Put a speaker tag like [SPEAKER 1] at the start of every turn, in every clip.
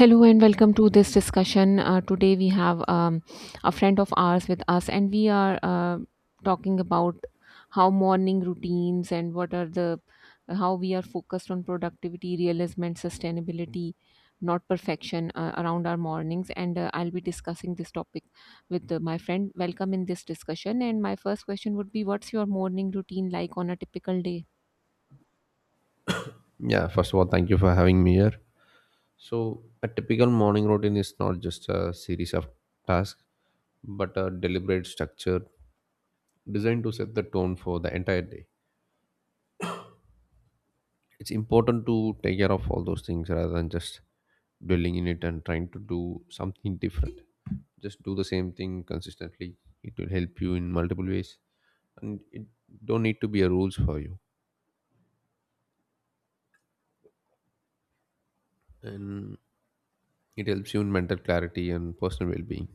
[SPEAKER 1] Hello and welcome to this discussion. Today we have a friend of ours with us, and we are talking about how morning routines and what are the how we are focused on productivity, realism, and sustainability, not perfection, around our mornings. And I'll be discussing this topic with my friend. Welcome in this discussion. And my first question would be, what's your morning routine like on a typical day?
[SPEAKER 2] Yeah, first of all, thank you for having me here. So, a typical morning routine is not just a series of tasks, but a deliberate structure designed to set the tone for the entire day. It's important to take care of all those things rather than just dwelling in it and trying to do something different. Just do the same thing consistently. It will help you in multiple ways, and it don't need to be a rules for you. And it helps you in mental clarity and personal well-being.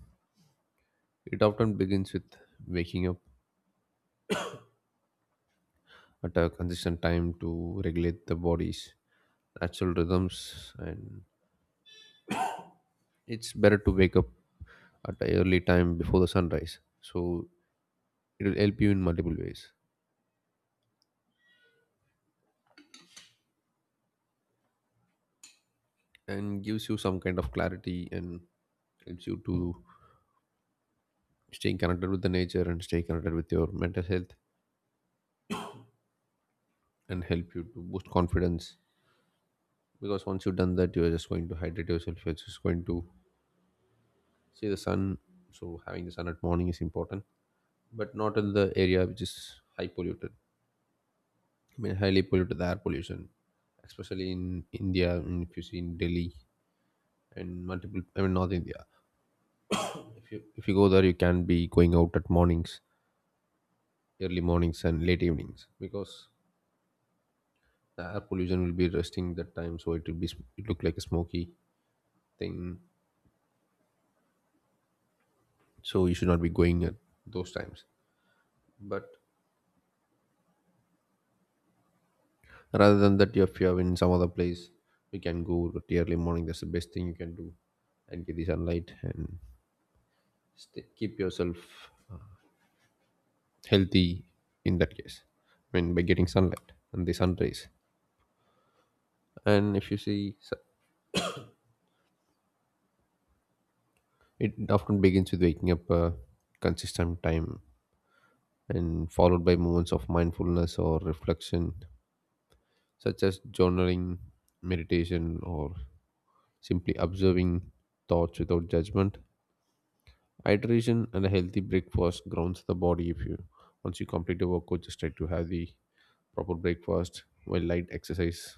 [SPEAKER 2] It often begins with waking up at a consistent time to regulate the body's natural rhythms, and it's better to wake up at an early time before the sunrise. So it will help you in multiple ways and gives you some kind of clarity and helps you to stay connected with the nature and stay connected with your mental health and help you to boost confidence. Because once you've done that, you're just going to hydrate yourself, you're just going to see the sun. So having the sun at morning is important, but not in the area which is high polluted. I mean, highly polluted, the air pollution, especially in India. And if you see in Delhi and multiple, I mean, North India. If you go there, you can be going out at mornings, early mornings and late evenings, because the air pollution will be resting that time, so it will be, it look like a smoky thing. So you should not be going at those times. But rather than that, if you are in some other place, you can go to the early morning. That's the best thing you can do, and get the sunlight and stay, keep yourself healthy in that case. I mean, by getting sunlight and the sun rays. And if you see su- it often begins with waking up a consistent time and followed by moments of mindfulness or reflection, such as journaling, meditation, or simply observing thoughts without judgment. Hydration and a healthy breakfast grounds the body. If you, once you complete your workout, just try to have the proper breakfast, while light exercise,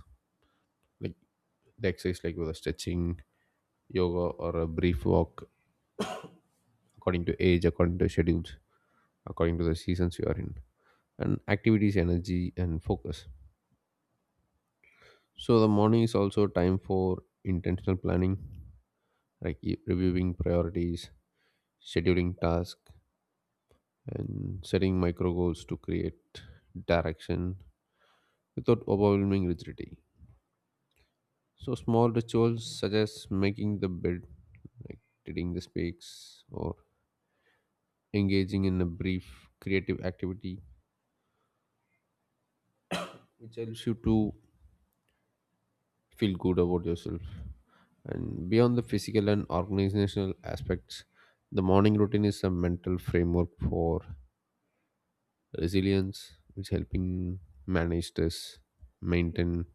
[SPEAKER 2] like the exercise like whether stretching, yoga, or a brief walk, according to age, according to schedules, according to the seasons you are in, and activities, energy and focus. So the morning is also time for intentional planning, like reviewing priorities, scheduling tasks, and setting micro goals to create direction without overwhelming rigidity. So small rituals such as making the bed, like tidying the space, or engaging in a brief creative activity helps you to feel good about yourself. And beyond the physical and organizational aspects, the morning routine is a mental framework for resilience, which helping manage stress, maintain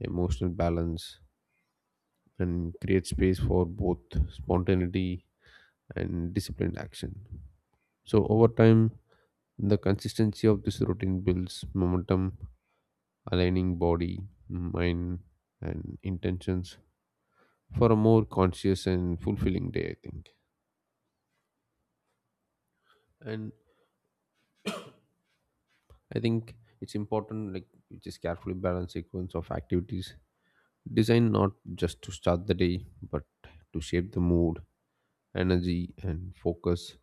[SPEAKER 2] emotional balance, and create space for both spontaneity and disciplined action. So over time, the consistency of this routine builds momentum, aligning body, mind, and intentions for a more conscious and fulfilling day, I think. And I think it's important, like, you just carefully balance sequence of activities designed not just to start the day, but to shape the mood, energy, and focus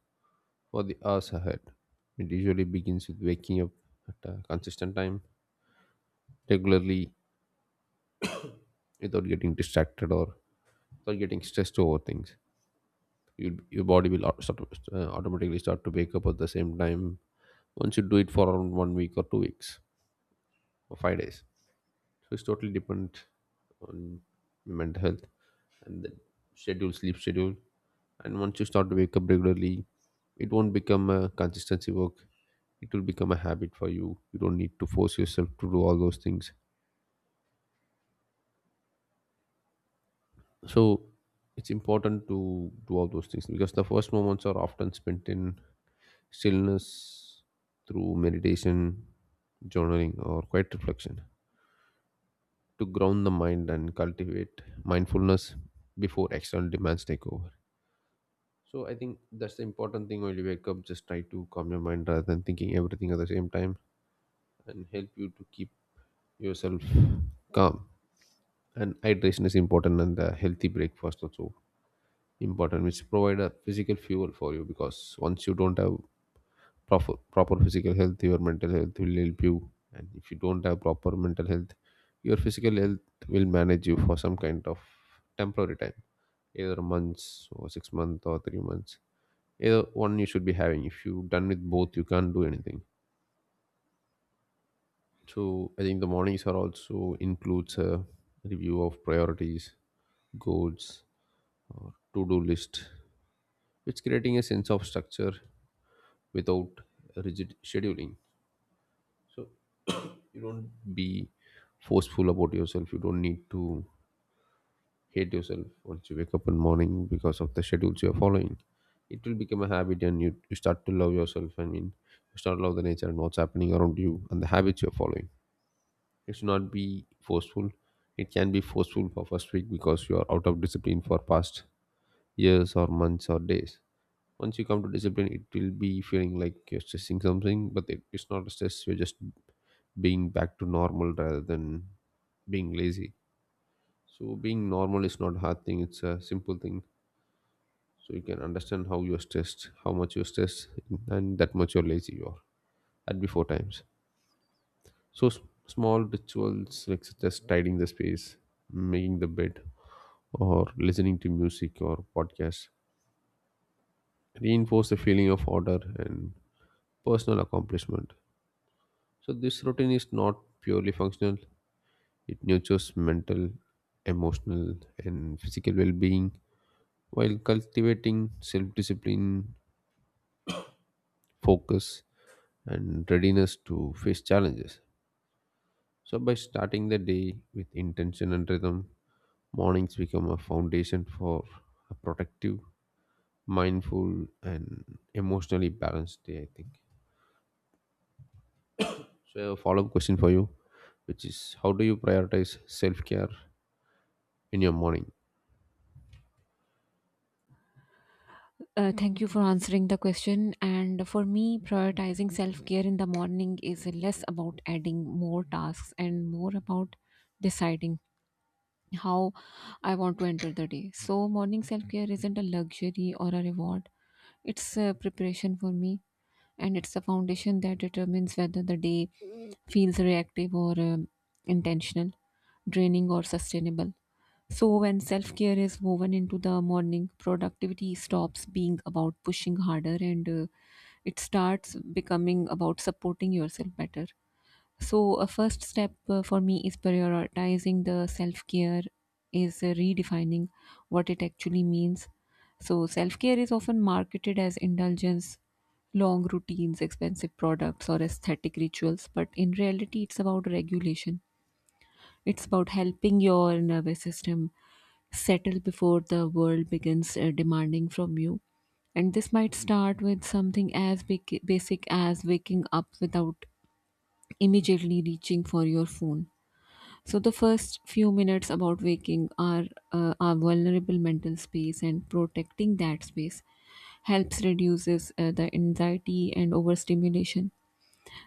[SPEAKER 2] for the hours ahead. It usually begins with waking up at a consistent time, regularly, without getting distracted or without getting stressed over things. You, your body will automatically start to wake up at the same time once you do it for around 1 week or 2 weeks or 5 days. So it's totally dependent on your mental health and the schedule, sleep schedule. And once you start to wake up regularly, it won't become a consistency work, it will become a habit for you. You don't need to force yourself to do all those things. So it's important to do all those things, because the first moments are often spent in stillness, through meditation, journaling, or quiet reflection, to ground the mind and cultivate mindfulness before external demands take over. So I think that's the important thing: when you wake up, just try to calm your mind rather than thinking everything at the same time, and help you to keep yourself calm. And hydration is important, and the healthy breakfast also important, which provide a physical fuel for you. Because once you don't have proper physical health, your mental health will help you. And if you don't have proper mental health, your physical health will manage you for some kind of temporary time, either months or 6 months or 3 months. Either one you should be having. If you done with both, you can't do anything. So I think the mornings are also includes a review of priorities, goals, or to-do list, which creating a sense of structure without rigid scheduling. So you don't be forceful about yourself, you don't need to hate yourself once you wake up in the morning because of the schedules you're following. It will become a habit, and you start to love yourself. I mean, you start to love the nature and what's happening around you and the habits you're following. It should not be forceful. It can be forceful for first week because you are out of discipline for past years or months or days. Once you come to discipline, it will be feeling like you're stressing something, but it's not a stress. You're just being back to normal rather than being lazy. So being normal is not a hard thing, it's a simple thing. So you can understand how you're stressed, how much you're stressed, and that much you're lazy you are at before times. So small rituals like such as tidying the space, making the bed, or listening to music or podcasts reinforce the feeling of order and personal accomplishment. So this routine is not purely functional. It nurtures mental, emotional, and physical well being, while cultivating self discipline, focus, and readiness to face challenges. So, by starting the day with intention and rhythm, mornings become a foundation for a productive, mindful, and emotionally balanced day, I think. So, I have a follow up question for you, which is how do you prioritize self care in your morning?
[SPEAKER 1] Thank you for answering the question. And for me, prioritizing self care in the morning is less about adding more tasks and more about deciding how I want to enter the day. So, morning self care isn't a luxury or a reward, it's a preparation for me, and it's the foundation that determines whether the day feels reactive or intentional, draining or sustainable. So, when self care is woven into the morning, productivity stops being about pushing harder and it starts becoming about supporting yourself better. So, a first step for me is prioritizing the self care, is redefining what it actually means. So, self care is often marketed as indulgence, long routines, expensive products, or aesthetic rituals, but in reality, it's about regulation. It's about helping your nervous system settle before the world begins demanding from you. And this might start with something as basic as waking up without immediately reaching for your phone. So the first few minutes about waking are our vulnerable mental space, and protecting that space helps reduces the anxiety and overstimulation.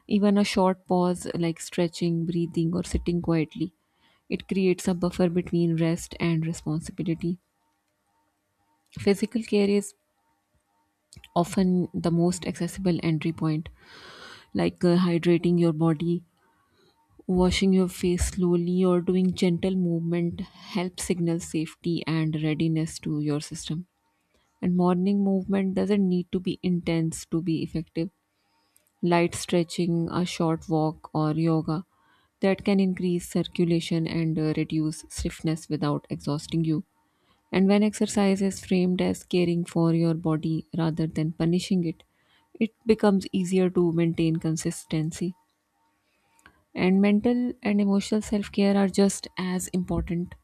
[SPEAKER 1] Even a short pause, like stretching, breathing, or sitting quietly, it creates a buffer between rest and responsibility. Physical care is often the most accessible entry point, like hydrating your body, washing your face slowly, or doing gentle movement help signal safety and readiness to your system. And morning movement doesn't need to be intense to be effective. Light stretching, a short walk, or yoga that can increase circulation and reduce stiffness without exhausting you. And when exercise is framed as caring for your body rather than punishing it, it becomes easier to maintain consistency. And mental and emotional self care are just as important.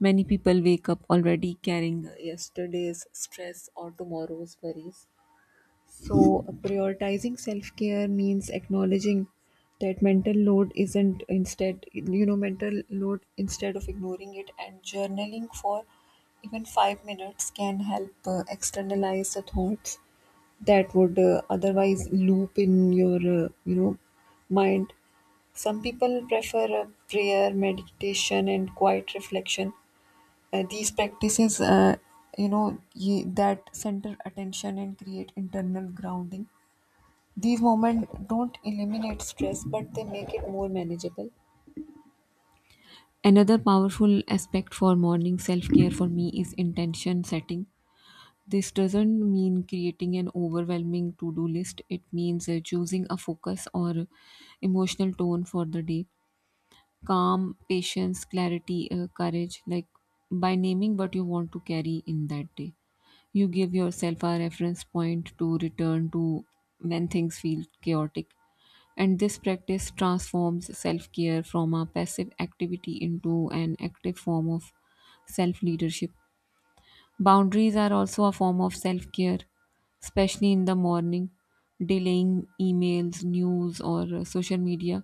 [SPEAKER 1] Many people wake up already carrying yesterday's stress or tomorrow's worries, so prioritizing self care means acknowledging that mental load isn't instead, you know, mental load instead of ignoring it, and journaling for even 5 minutes can help externalize the thoughts that would otherwise loop in uh, you know, mind. Some people prefer prayer, meditation, and quiet reflection. These practices, that center attention and create internal grounding. These moments don't eliminate stress, but they make it more manageable. Another powerful aspect for morning self care for me is intention setting. This doesn't mean creating an overwhelming to do list, it means choosing a focus or emotional tone for the day. Calm, patience, clarity, courage, like by naming what you want to carry in that day. You give yourself a reference point to return to when things feel chaotic. And this practice transforms self care from a passive activity into an active form of self leadership. Boundaries are also a form of self care, especially in the morning. Delaying emails, news, or social media,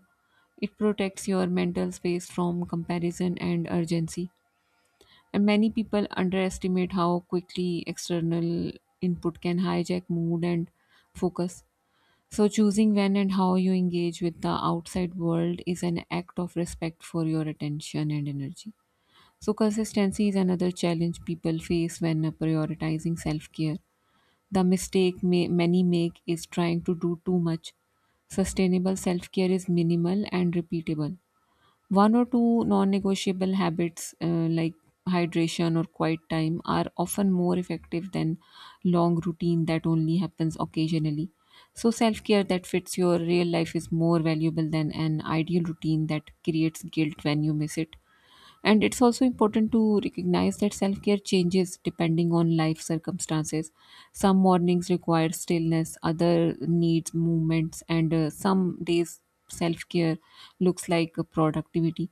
[SPEAKER 1] it protects your mental space from comparison and urgency. And many people underestimate how quickly external input can hijack mood and focus. So, choosing when and how you engage with the outside world is an act of respect for your attention and energy. So, consistency is another challenge people face when prioritizing self care. The mistake many make is trying to do too much. Sustainable self care is minimal and repeatable. One or two non negotiable habits, like hydration or quiet time, are often more effective than long routine that only happens occasionally. So, self care that fits your real life is more valuable than an ideal routine that creates guilt when you miss it. And it's also important to recognize that self care changes depending on life circumstances. Some mornings require stillness, other needs movements, and some days self care looks like productivity.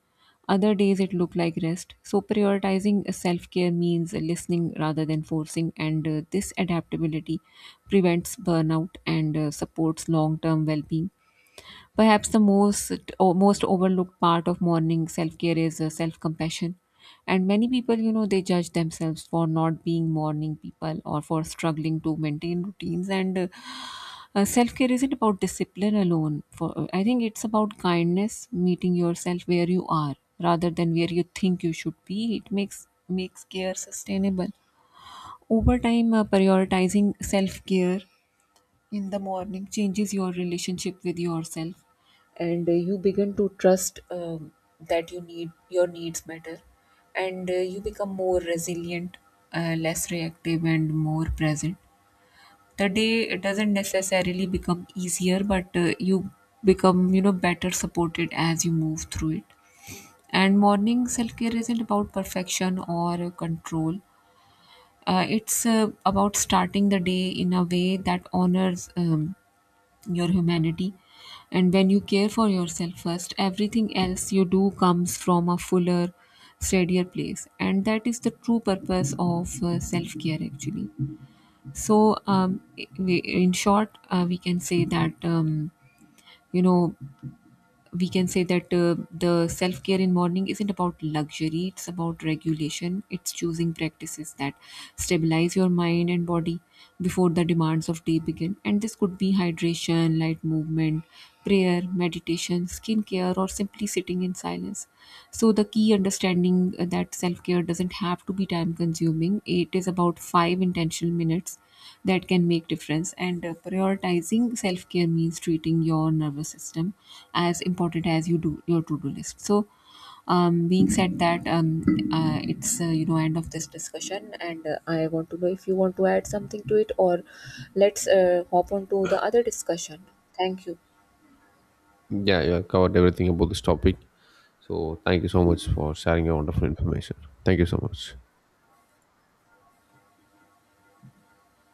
[SPEAKER 1] Other days it look like rest. So prioritizing self care means listening rather than forcing, and this adaptability prevents burnout and supports long term well being. Perhaps the most overlooked part of morning self-care is self-compassion. And many people, you know, they judge themselves for not being morning people or for struggling to maintain routines. And self-care isn't about discipline alone. For I think it's about kindness, meeting yourself where you are rather than where you think you should be. It makes care sustainable over time. Prioritizing self-care in the morning changes your relationship with yourself, and you begin to trust that you need your needs matter, and you become more resilient, less reactive and more present. The day doesn't necessarily become easier, but you become, you know, better supported as you move through it. And morning self-care isn't about perfection or control. It's about starting the day in a way that honors your humanity. And when you care for yourself first, everything else you do comes from a fuller, steadier place. And that is the true purpose of self care, actually. So, in short, you know, we can say that the self care in morning isn't about luxury, it's about regulation, it's choosing practices that stabilize your mind and body before the demands of day begin. And this could be hydration, light movement, prayer, meditation, skincare, or simply deeply sitting in silence. So, the key understanding that self care doesn't have to be time consuming, it is about 5 intentional minutes that can make difference. And prioritizing self-care means treating your nervous system as important as you do your to-do list. So being said that it's, you know, end of this discussion. And I want to know if you want to add something to it, or let's hop on to the other discussion. Thank you.
[SPEAKER 2] Yeah, yeah, covered everything about this topic. So thank you so much for sharing your wonderful information. Thank you so much.